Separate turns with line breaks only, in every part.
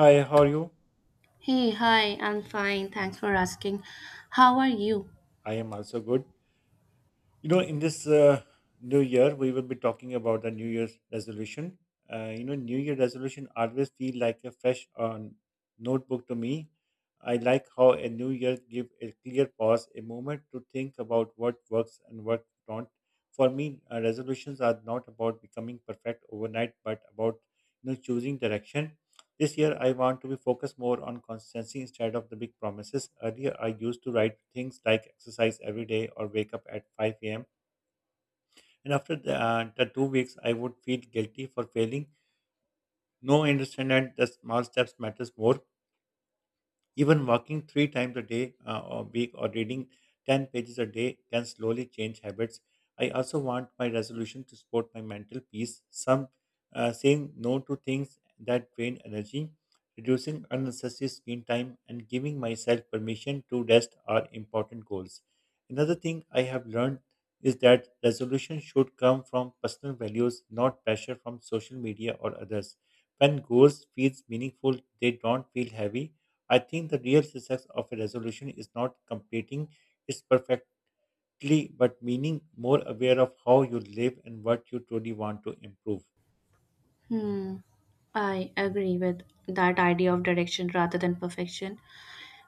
Hi, how are you?
Hey, hi, I'm fine. Thanks for asking. How are you?
I am also good. You know, in this new year, we will be talking about the New Year's resolution. You know, New Year resolution always feel like a fresh notebook to me. I like how a new year give a clear pause, a moment to think about what works and what don't. For me, resolutions are not about becoming perfect overnight, but about choosing direction. This year, I want to be focused more on consistency instead of the big promises. Earlier, I used to write things like exercise every day or wake up at 5 a.m. And after the 2 weeks, I would feel guilty for failing. No, I understand that the small steps matters more. Even walking three times a day or week or reading 10 pages a day can slowly change habits. I also want my resolution to support my mental peace. Some saying no to things that drain energy, reducing unnecessary screen time, and giving myself permission to rest are important goals. Another thing I have learned is that resolution should come from personal values, not pressure from social media or others. When goals feels meaningful, they don't feel heavy. I think the real success of a resolution is not completing it perfectly, but meaning more aware of how you live and what you truly want to improve.
Hmm, I agree with that idea of direction rather than perfection.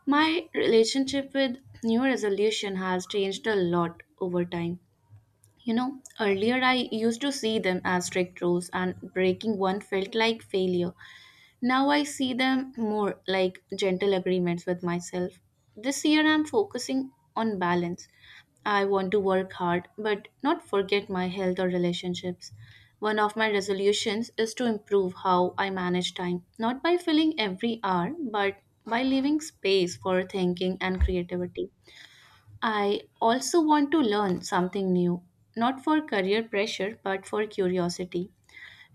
My relationship with New Year Resolution has changed a lot over time. You know, earlier I used to see them as strict rules, and breaking one felt like failure. Now I see them more like gentle agreements with myself. This year I'm focusing on balance. I want to work hard but not forget my health or relationships. One of my resolutions is to improve how I manage time, not by filling every hour, but by leaving space for thinking and creativity. I also want to learn something new, not for career pressure, but for curiosity.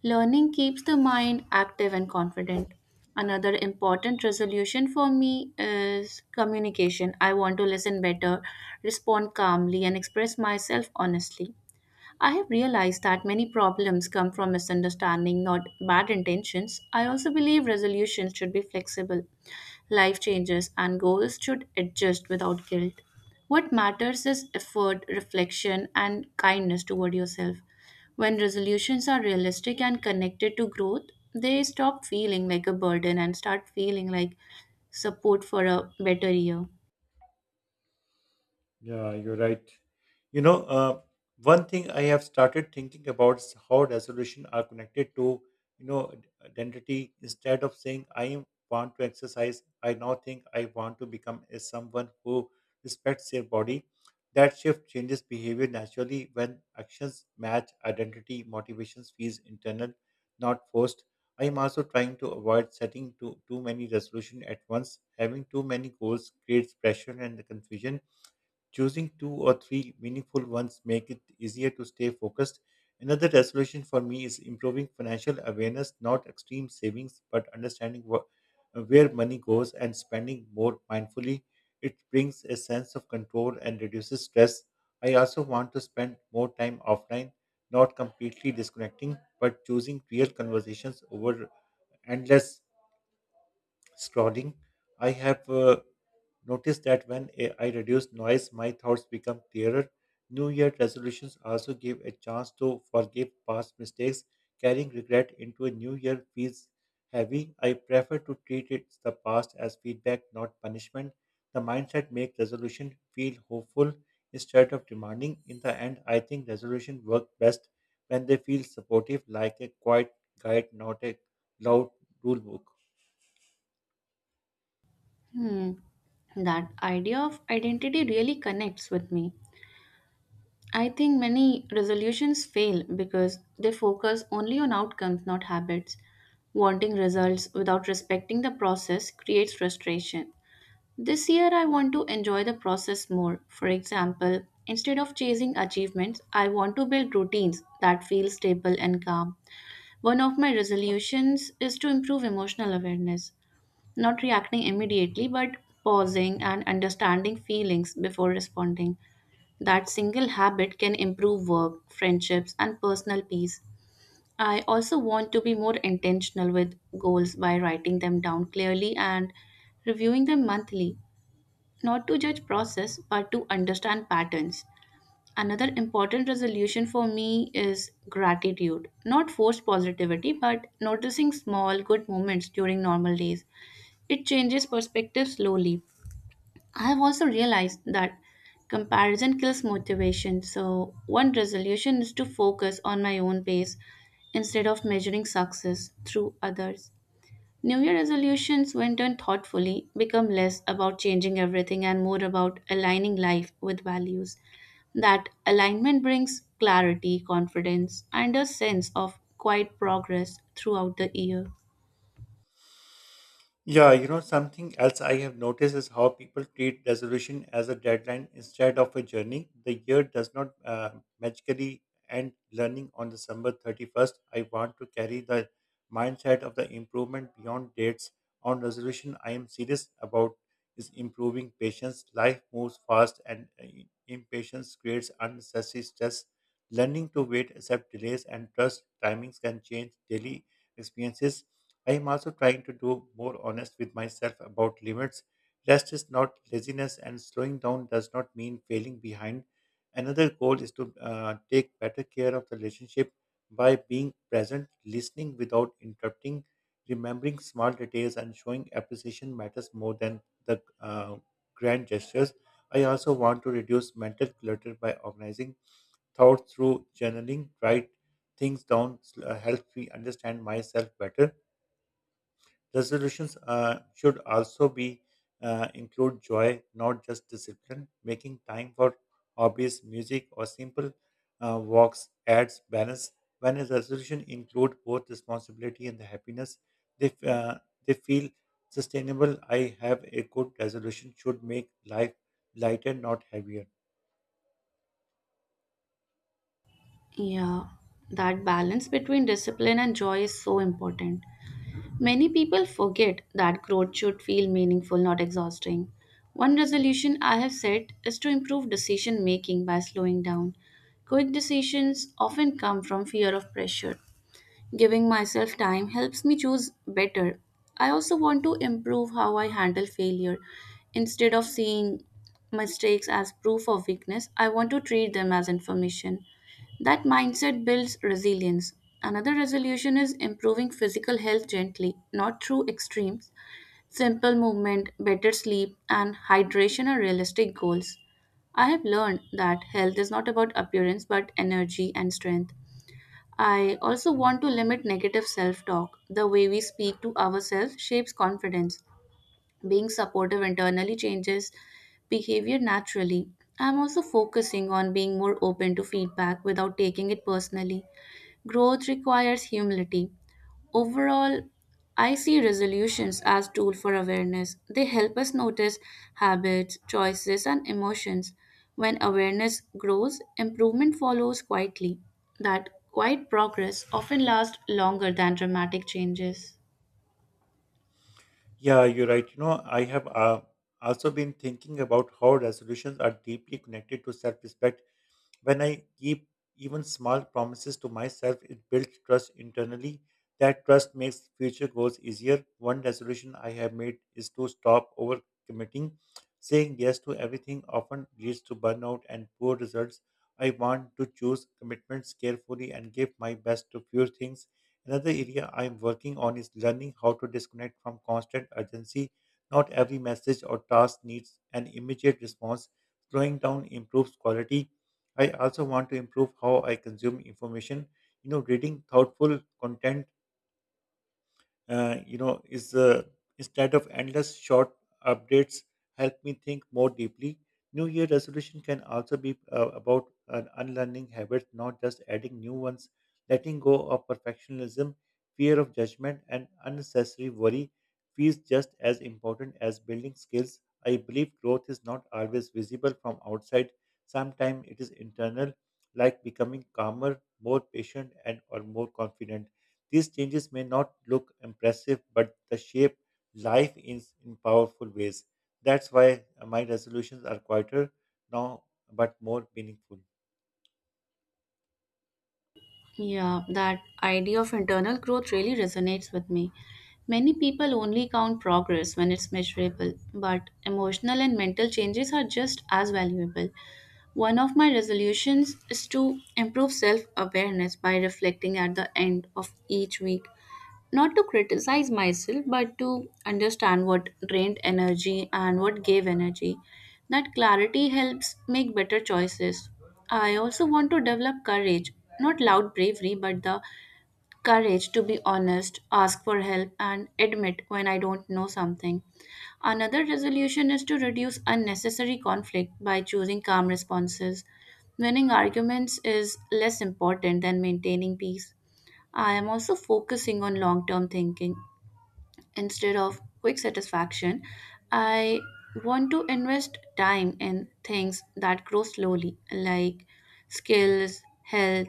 Learning keeps the mind active and confident. Another important resolution for me is communication. I want to listen better, respond calmly, and express myself honestly. I have realized that many problems come from misunderstanding, not bad intentions. I also believe resolutions should be flexible. Life changes and goals should adjust without guilt. What matters is effort, reflection, and kindness toward yourself. When resolutions are realistic and connected to growth, they stop feeling like a burden and start feeling like support for a better year.
Yeah, you're right. You know, one thing I have started thinking about is how resolution are connected to, you know, identity. Instead of saying I want to exercise, I now think I want to become a someone who respects their body. That shift changes behavior naturally when actions match identity. Motivations feels internal, not forced. I am also trying to avoid setting too many resolutions at once. Having too many goals creates pressure and confusion. Choosing two or three meaningful ones make it easier to stay focused. Another resolution for me is improving financial awareness, not extreme savings, but understanding what, where money goes and spending more mindfully. It brings a sense of control and reduces stress. I also want to spend more time offline, not completely disconnecting, but choosing real conversations over endless scrolling. I have noticed that when I reduce noise, my thoughts become clearer. New Year resolutions also give a chance to forgive past mistakes. Carrying regret into a new year feels heavy. I prefer to treat it the past as feedback, not punishment. The mindset makes resolution feel hopeful instead of demanding. In the end, I think resolution work best when they feel supportive, like a quiet guide, not a loud rule book.
Hmm, that idea of identity really connects with me. I think many resolutions fail because they focus only on outcomes, not habits. Wanting results without respecting the process creates frustration. This year, I want to enjoy the process more. For example, instead of chasing achievements, I want to build routines that feel stable and calm. One of my resolutions is to improve emotional awareness, not reacting immediately, but pausing and understanding feelings before responding. That single habit can improve work, friendships, and personal peace. I also want to be more intentional with goals by writing them down clearly and reviewing them monthly, not to judge process but to understand patterns. Another important resolution for me is gratitude, not forced positivity but noticing small good moments during normal days. It changes perspective slowly. I have also realized that comparison kills motivation. So, one resolution is to focus on my own pace instead of measuring success through others. New Year resolutions, when done thoughtfully, become less about changing everything and more about aligning life with values. That alignment brings clarity, confidence, and a sense of quiet progress throughout the year.
Yeah, you know, something else I have noticed is how people treat resolution as a deadline instead of a journey. The year does not magically end learning on December 31st. I want to carry the mindset of the improvement beyond dates. On resolution, I am serious about is improving patience. Life moves fast and impatience creates unnecessary stress. Learning to wait, accept delays, and trust timings can change daily experiences. I am also trying to do more honest with myself about limits. Rest is not laziness, and slowing down does not mean failing behind. Another goal is to take better care of the relationship by being present, listening without interrupting, remembering small details, and showing appreciation matters more than the grand gestures. I also want to reduce mental clutter by organizing thoughts through journaling, write things down, helps me understand myself better. Resolutions should also be include joy, not just discipline. Making time for hobbies, music, or simple walks adds balance. When a resolution include both responsibility and the happiness, they f- uh, they feel sustainable. I have a good resolution should make life lighter, not heavier.
Yeah, that balance between discipline and joy is so important. Many people forget that growth should feel meaningful, not exhausting. One resolution I have set is to improve decision making by slowing down. Quick decisions often come from fear of pressure. Giving myself time helps me choose better. I also want to improve how I handle failure. Instead of seeing mistakes as proof of weakness, I want to treat them as information. That mindset builds resilience. Another resolution is improving physical health gently, not through extremes. Simple movement, better sleep, and hydration are realistic goals. I have learned that health is not about appearance but energy and strength. I also want to limit negative self talk. The way we speak to ourselves shapes confidence. Being supportive internally changes behavior naturally. I'm also focusing on being more open to feedback without taking it personally. Growth requires humility. Overall, I see resolutions as tool for awareness. They help us notice habits, choices and emotions. When awareness grows, improvement follows quietly. That quiet progress often lasts longer than dramatic changes.
Yeah, you're right. You know, I have also been thinking about how resolutions are deeply connected to self respect. When I keep even small promises to myself, it builds trust internally. That trust makes future goals easier. One resolution I have made is to stop overcommitting. Saying yes to everything often leads to burnout and poor results. I want to choose commitments carefully and give my best to few things. Another area I am working on is learning how to disconnect from constant urgency. Not every message or task needs an immediate response. Slowing down improves quality. I also want to improve how I consume information. You know, reading thoughtful content you know is instead of endless short updates help me think more deeply. New year resolution can also be about unlearning habits, not just adding new ones. Letting go of perfectionism, fear of judgment, and unnecessary worry feels just as important as building skills. I believe growth is not always visible from outside. Sometimes it is internal, like becoming calmer, more patient, and or more confident. These changes may not look impressive, but the shape life is in powerful ways. That's why my resolutions are quieter now, but more meaningful.
Yeah, that idea of internal growth really resonates with me. Many people only count progress when it's measurable, but emotional and mental changes are just as valuable. One of my resolutions is to improve self awareness by reflecting at the end of each week. Not to criticize myself, but to understand what drained energy and what gave energy. That clarity helps make better choices. I also want to develop courage, not loud bravery, but the courage to be honest, ask for help, and admit when I don't know something. Another resolution is to reduce unnecessary conflict by choosing calm responses. Winning arguments is less important than maintaining peace. I am also focusing on long term thinking instead of quick satisfaction. I want to invest time in things that grow slowly, like skills, health,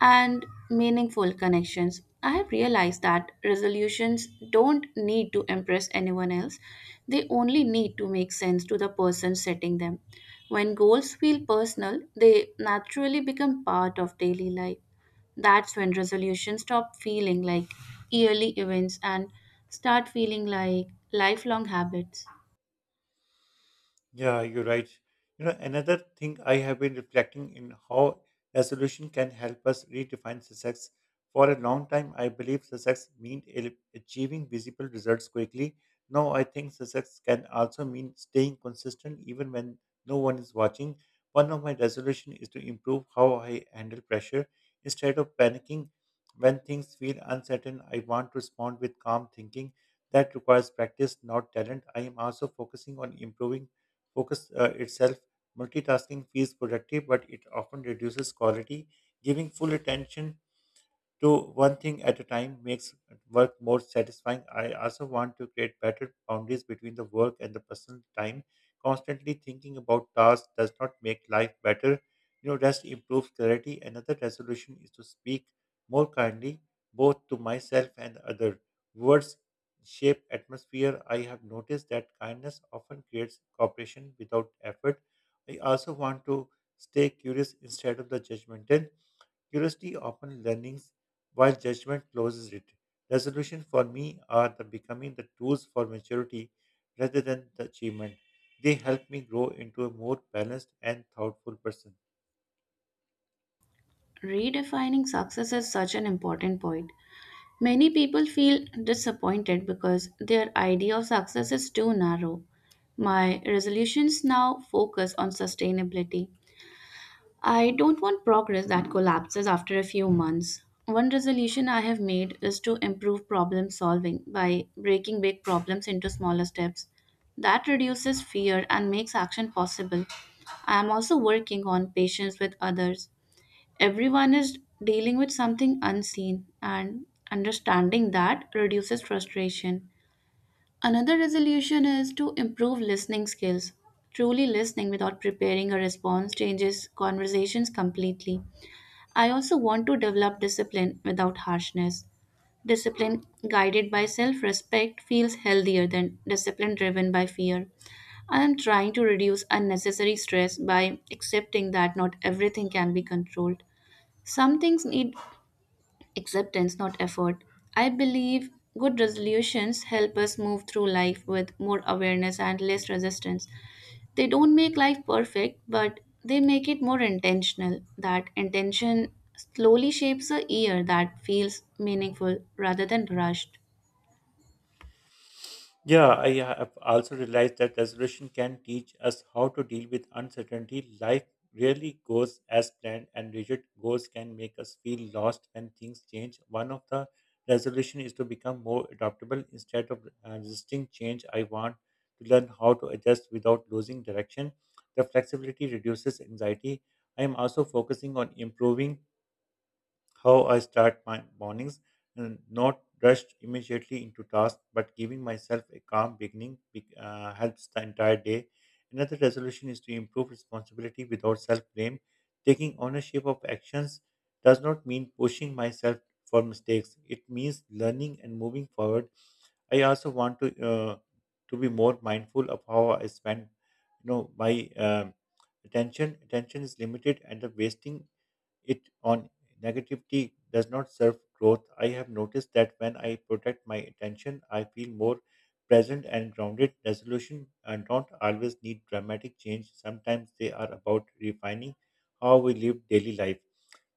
and meaningful connections. I have realized that resolutions don't need to impress anyone else, they only need to make sense to the person setting them. When goals feel personal, they naturally become part of daily life. That's when resolutions stop feeling like yearly events and start feeling like lifelong habits.
Yeah, you're right. You know, another thing I have been reflecting in how resolution can help us redefine success. For a long time, I believe success meant achieving visible results quickly. Now, I think success can also mean staying consistent even when no one is watching. One of my resolutions is to improve how I handle pressure. Instead of panicking when things feel uncertain, I want to respond with calm thinking. That requires practice, not talent. I am also focusing on improving focus itself. Multitasking feels productive, but it often reduces quality. Giving full attention to one thing at a time makes work more satisfying. I also want to create better boundaries between the work and the personal time. Constantly thinking about tasks does not make life better. You know, rest improves clarity. Another resolution is to speak more kindly, both to myself and other. Words shape atmosphere. I have noticed that kindness often creates cooperation without effort. I also want to stay curious instead of the judgmental. Curiosity often learnings while judgment closes it. Resolution for me are the becoming the tools for maturity rather than the achievement. They help me grow into a more balanced and thoughtful person.
Redefining success is such an important point. Many people feel disappointed because their idea of success is too narrow. My resolutions now focus on sustainability. I don't want progress that collapses after a few months. One resolution I have made is to improve problem solving by breaking big problems into smaller steps. That reduces fear and makes action possible. I am also working on patience with others. Everyone is dealing with something unseen, and understanding that reduces frustration. Another resolution is to improve listening skills. Truly listening without preparing a response changes conversations completely. I also want to develop discipline without harshness. Discipline guided by self respect feels healthier than discipline driven by fear. I am trying to reduce unnecessary stress by accepting that not everything can be controlled. Some things need acceptance, not effort. I believe good resolutions help us move through life with more awareness and less resistance. They don't make life perfect, but they make it more intentional. That intention slowly shapes a year that feels meaningful rather than rushed.
Yeah, I have also realized that resolution can teach us how to deal with uncertainty. Life rarely goes as planned, and rigid goals can make us feel lost when things change. One of the resolution is to become more adaptable instead of resisting change. I want to learn how to adjust without losing direction. The flexibility reduces anxiety. I am also focusing on improving how I start my mornings, and not rushed immediately into tasks, but giving myself a calm beginning helps the entire day. Another resolution is to improve responsibility without self blame. Taking ownership of actions does not mean pushing myself for mistakes, it means learning and moving forward. I also want to be more mindful of how I spend you know my attention is limited and the wasting it on negativity does not serve growth. I have noticed that when I protect my attention, I feel more present and grounded. Resolution and don't always need dramatic change. Sometimes they are about refining how we live daily life.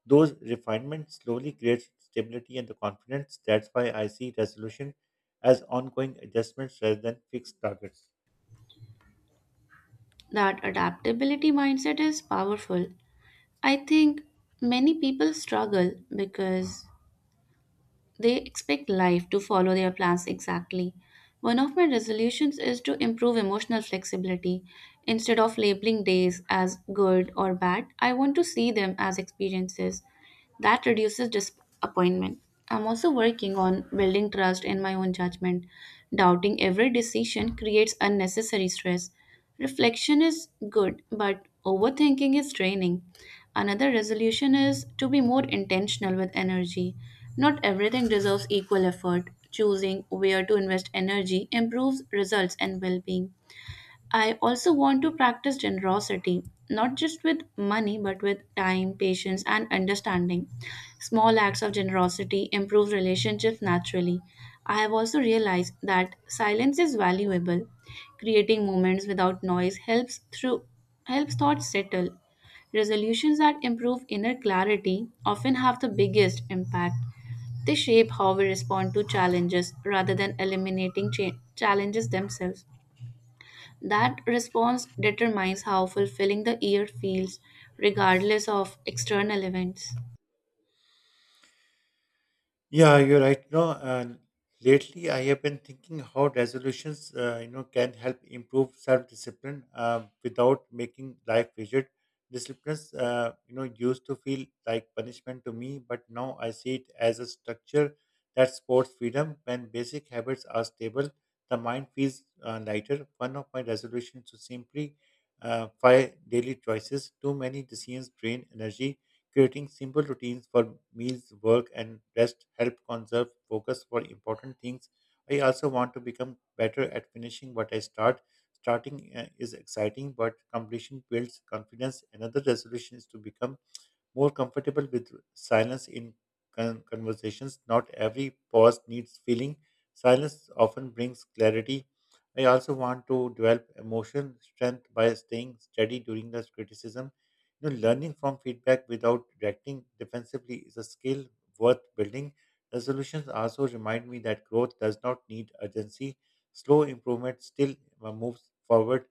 Those refinements slowly create stability and the confidence. That's why I see resolution as ongoing adjustments rather than fixed targets.
That adaptability mindset is powerful. I think many people struggle because they expect life to follow their plans exactly. One of my resolutions is to improve emotional flexibility. Instead of labeling days as good or bad, I want to see them as experiences. That reduces disappointment. I'm also working on building trust in my own judgment. Doubting every decision creates unnecessary stress. Reflection is good, but overthinking is draining. Another resolution is to be more intentional with energy. Not everything deserves equal effort. Choosing where to invest energy improves results and well being. I also want to practice generosity, not just with money, but with time, patience, and understanding. Small acts of generosity improve relationships naturally. I have also realized that silence is valuable. Creating moments without noise helps thoughts settle. Resolutions that improve inner clarity often have the biggest impact. They shape how we respond to challenges rather than eliminating challenges themselves. That response determines how fulfilling the year feels, regardless of external events.
Yeah, you're right. You know, lately I have been thinking how resolutions, can help improve self-discipline without making life rigid. Disciplines, used to feel like punishment to me, but now I see it as a structure that supports freedom. When basic habits are stable, the mind feels lighter. One of my resolutions to simply five daily choices. Too many decisions drain energy. Creating simple routines for meals, work, and rest help conserve focus for important things. I also want to become better at finishing what I start. Starting is exciting, but completion builds confidence. Another resolution is to become more comfortable with silence in conversations. Not every pause needs filling. Silence often brings clarity. I also want to develop emotion strength by staying steady during the criticism. You know, learning from feedback without reacting defensively is a skill worth building. Resolutions also remind me that growth does not need urgency. Slow improvement still moves forward.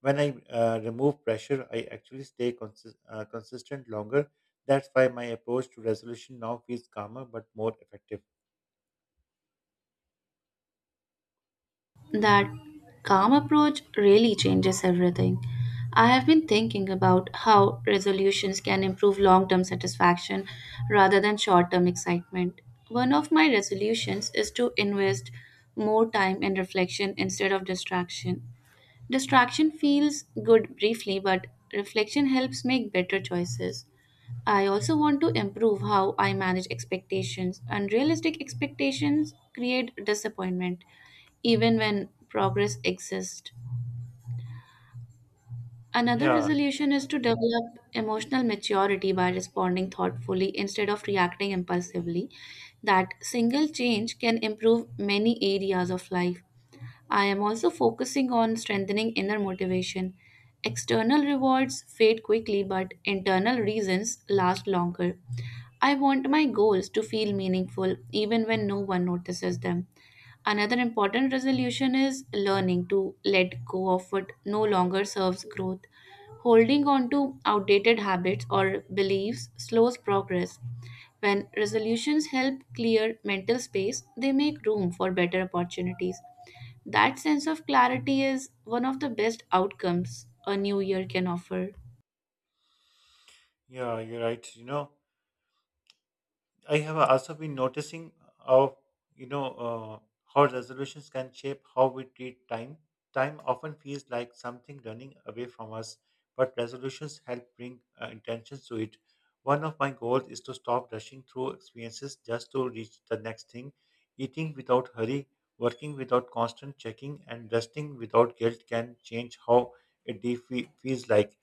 When I remove pressure, I actually stay consistent longer. That's why my approach to resolution now feels calmer but more effective.
That calm approach really changes everything. I have been thinking about how resolutions can improve long term satisfaction rather than short term excitement. One of my resolutions is to invest more time in reflection instead of distraction. Distraction feels good briefly, but reflection helps make better choices. I also want to improve how I manage expectations. Unrealistic expectations create disappointment, even when progress exists. Another
Yeah,
resolution is to develop emotional maturity by responding thoughtfully instead of reacting impulsively. That single change can improve many areas of life. I am also focusing on strengthening inner motivation. External rewards fade quickly, but internal reasons last longer. I want my goals to feel meaningful even when no one notices them. Another important resolution is learning to let go of what no longer serves growth. Holding on to outdated habits or beliefs slows progress. When resolutions help clear mental space, they make room for better opportunities. That sense of clarity is one of the best outcomes a new year can offer.
yeah, you're right. You know, I have also been noticing how you know how resolutions can shape how we treat time. Time often feels like something running away from us, but resolutions help bring intentions to it. One of my goals is to stop rushing through experiences just to reach the next thing. Eating without hurry, working without constant checking, and resting without guilt can change how a day feels like.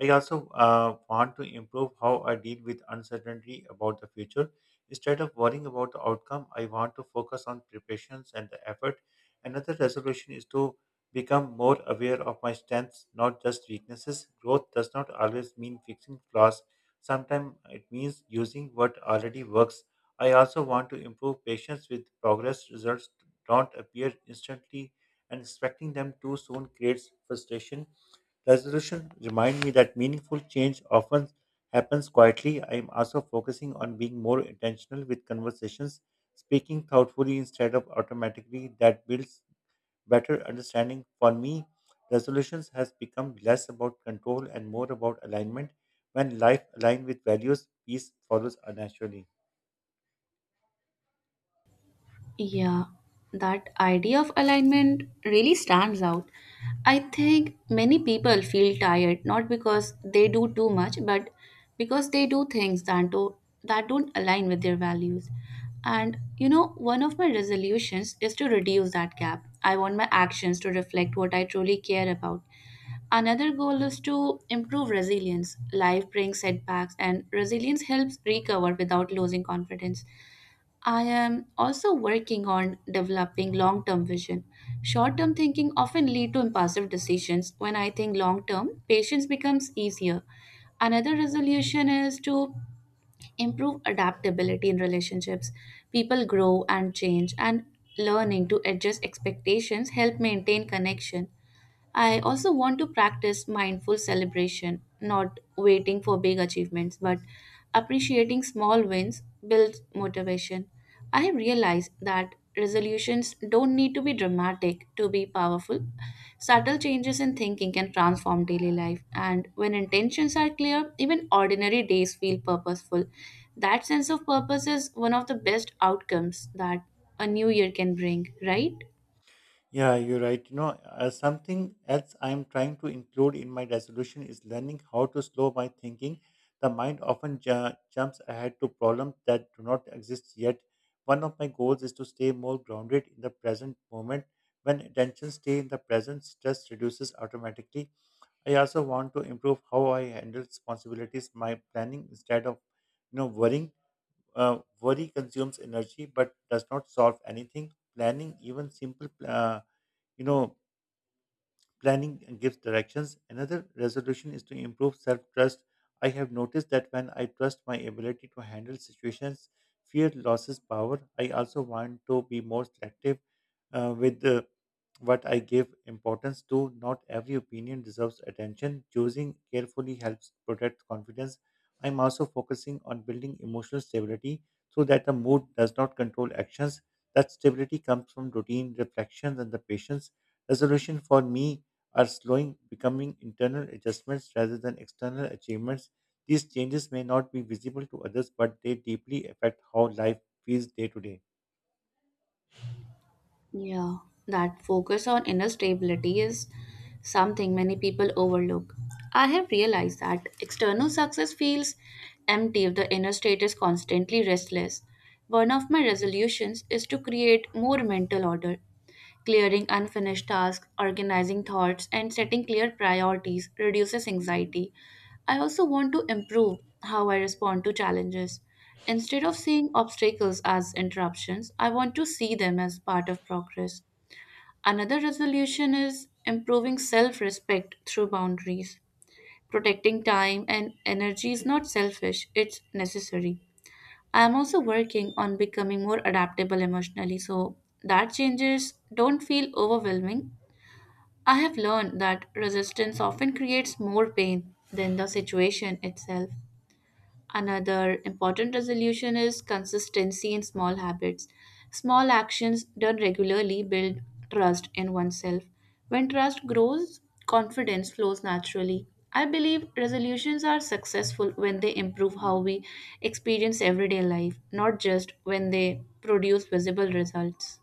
I also want to improve how I deal with uncertainty about the future. Instead of worrying about the outcome, I want to focus on preparations and the effort. Another resolution is to become more aware of my strengths, not just weaknesses. Growth does not always mean fixing flaws. Sometimes it means using what already works. I also want to improve patience with progress. Results don't appear instantly, and expecting them too soon creates frustration. Resolution remind me that meaningful change often happens quietly. I am also focusing on being more intentional with conversations, speaking thoughtfully instead of automatically. That builds better understanding. For me, resolutions has become less about control and more about alignment. When life aligns with values, peace follows naturally.
Yeah, that idea of alignment really stands out. I think many people feel tired not because they do too much, but because they do things that don't align with their values. And you know, one of my resolutions is to reduce that gap. I want my actions to reflect what I truly care about. Another goal is to improve resilience. Life brings setbacks, and resilience helps recover without losing confidence. I am also working on developing long term vision. Short term thinking often lead to impulsive decisions. When I think long term, patience becomes easier. Another resolution is to improve adaptability in relationships. People grow and change and learning to adjust expectations help maintain connection. I also want to practice mindful celebration, not waiting for big achievements, but appreciating small wins builds motivation. I have realized that resolutions don't need to be dramatic to be powerful. Subtle changes in thinking can transform daily life, and when intentions are clear, even ordinary days feel purposeful. That sense of purpose is one of the best outcomes that a new year can bring, right?
Yeah, you're right. Something else I'm trying to include in my resolution is learning how to slow my thinking. The mind often jumps ahead to problems that do not exist yet. One of my goals is to stay more grounded in the present moment. When attention stays in the present, stress reduces automatically. I also want to improve how I handle responsibilities, my planning instead of, worrying. Worry consumes energy but does not solve anything. Planning even simple. You know, Planning gives directions. Another resolution is to improve self trust. I have noticed that when I trust my ability to handle situations, fear loses power. I also want to be more selective with the what I give importance to. Not every opinion deserves attention. Choosing carefully helps protect confidence. I'm also focusing on building emotional stability so that the mood does not control actions. That stability comes from routine, reflections, and the patience. Resolution for me are slowing, becoming internal adjustments rather than external achievements. These changes may not be visible to others, but they deeply affect how life feels day to day.
Yeah, that focus on inner stability is something many people overlook. I have realized that external success feels empty if the inner state is constantly restless. One of my resolutions is to create more mental order. Clearing unfinished tasks, organizing thoughts, and setting clear priorities reduces anxiety. I also want to improve how I respond to challenges. Instead of seeing obstacles as interruptions, I want to see them as part of progress. Another resolution is improving self respect through boundaries. Protecting time and energy is not selfish, it's necessary. I'm also working on becoming more adaptable emotionally so that changes don't feel overwhelming. I have learned that resistance often creates more pain than the situation itself. Another important resolution is consistency in small habits. Small actions done regularly build trust in oneself. When trust grows, confidence flows naturally. I believe resolutions are successful when they improve how we experience everyday life, not just when they produce visible results.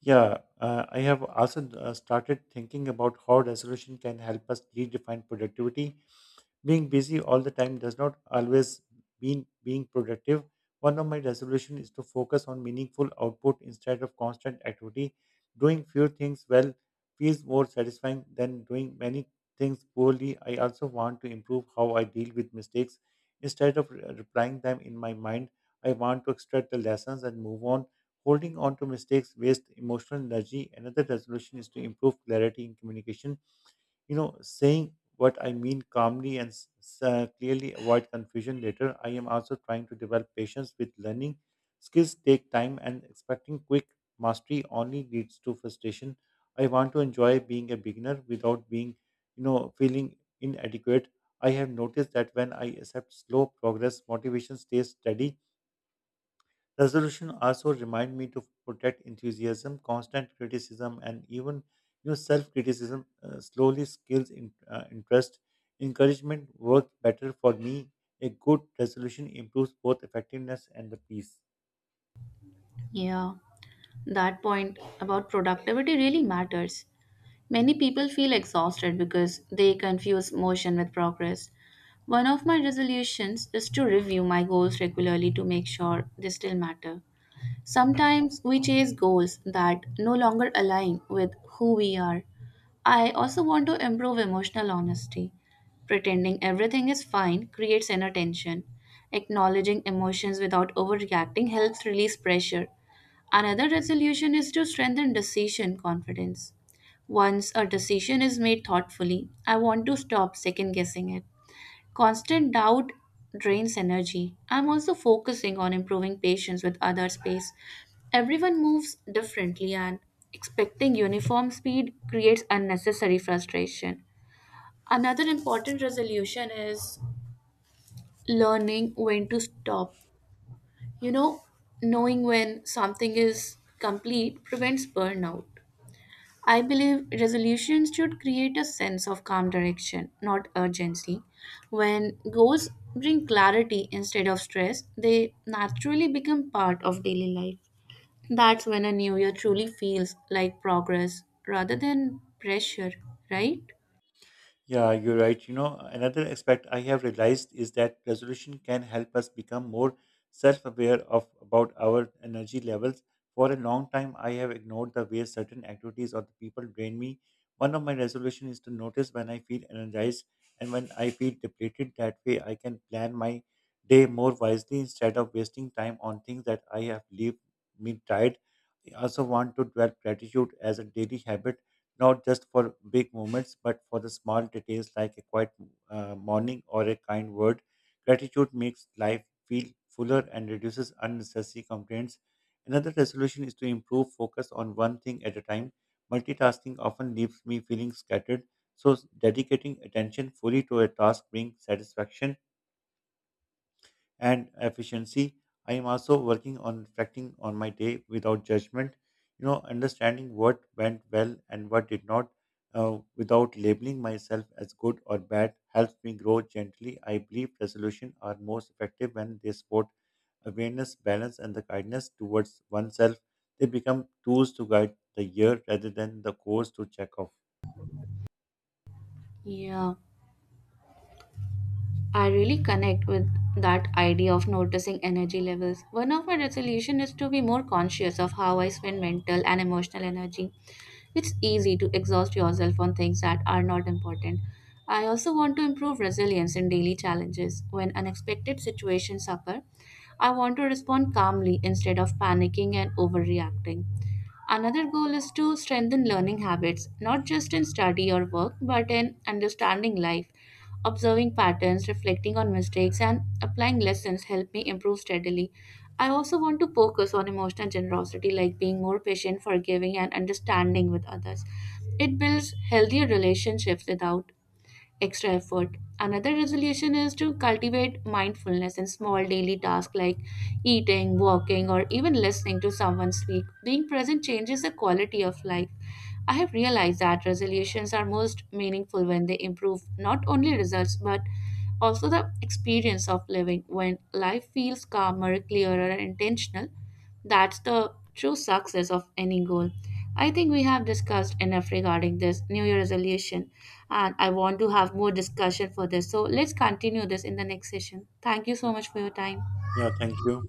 Yeah, I have also started thinking about how resolution can help us redefine productivity. Being busy all the time does not always mean being productive. One of my resolutions is to focus on meaningful output instead of constant activity. Doing few things well feels more satisfying than doing many things poorly. I also want to improve how I deal with mistakes. Instead of replying them in my mind, I want to extract the lessons and move on. Holding on to mistakes wastes emotional energy. Another resolution is to improve clarity in communication, saying what I mean calmly and clearly avoid confusion later. I am also trying to develop patience with learning. Skills take time, and expecting quick mastery only leads to frustration. I want to enjoy being a beginner without being you know feeling inadequate. I have noticed that when I accept slow progress, motivation stays steady. Resolution also remind me to protect enthusiasm, constant criticism, and even your self-criticism slowly skills in, interest. Encouragement worked better for me. A good resolution improves both effectiveness and the peace.
Yeah, that point about productivity really matters. Many people feel exhausted because they confuse motion with progress. One of my resolutions is to review my goals regularly to make sure they still matter. Sometimes we chase goals that no longer align with who we are. I also want to improve emotional honesty. Pretending everything is fine creates inner tension. Acknowledging emotions without overreacting helps release pressure. Another resolution is to strengthen decision confidence. Once a decision is made thoughtfully, I want to stop second guessing it. Constant doubt drains energy. I'm also focusing on improving patience with other space. Everyone moves differently, and expecting uniform speed creates unnecessary frustration. Another important resolution is learning when to stop. You know, knowing when something is complete prevents burnout. I believe resolutions should create a sense of calm direction, not urgency. When goals bring clarity instead of stress, they naturally become part of daily life. That's when a new year truly feels like progress rather than pressure, right?
Yeah, you're right. You know, another aspect I have realized is that resolution can help us become more self-aware of about our energy levels. For a long time, I have ignored the way certain activities or the people drain me. One of my resolution is to notice when I feel energized and when I feel depleted. That way, I can plan my day more wisely instead of wasting time on things that I have leave me tired. I also want to develop gratitude as a daily habit, not just for big moments, but for the small details like a quiet morning or a kind word. Gratitude makes life feel fuller and reduces unnecessary complaints. Another resolution is to improve focus on one thing at a time. Multitasking often leaves me feeling scattered, so dedicating attention fully to a task brings satisfaction and efficiency. I am also working on reflecting on my day without judgment, understanding what went well and what did not, without labeling myself as good or bad, helps me grow gently. I believe resolution are most effective when they support awareness, balance, and the kindness towards oneself. They become tools to guide the year rather than the course to check off.
Yeah. I really connect with that idea of noticing energy levels. One of my resolution is to be more conscious of how I spend mental and emotional energy. It's easy to exhaust yourself on things that are not important. I also want to improve resilience in daily challenges. When unexpected situations occur, I want to respond calmly instead of panicking and overreacting. Another goal is to strengthen learning habits, not just in study or work, but in understanding life. Observing patterns, reflecting on mistakes, and applying lessons help me improve steadily. I also want to focus on emotional generosity, like being more patient, forgiving, and understanding with others. It builds healthier relationships without extra effort. Another resolution is to cultivate mindfulness in small daily tasks like eating, walking, or even listening to someone speak. Being present changes the quality of life. I have realized that resolutions are most meaningful when they improve not only results but also the experience of living. When life feels calmer, clearer, and intentional, that's the true success of any goal. I think we have discussed enough regarding this New Year resolution, and I want to have more discussion for this. So let's continue this in the next session. Thank you so much for your time.
Yeah, thank you.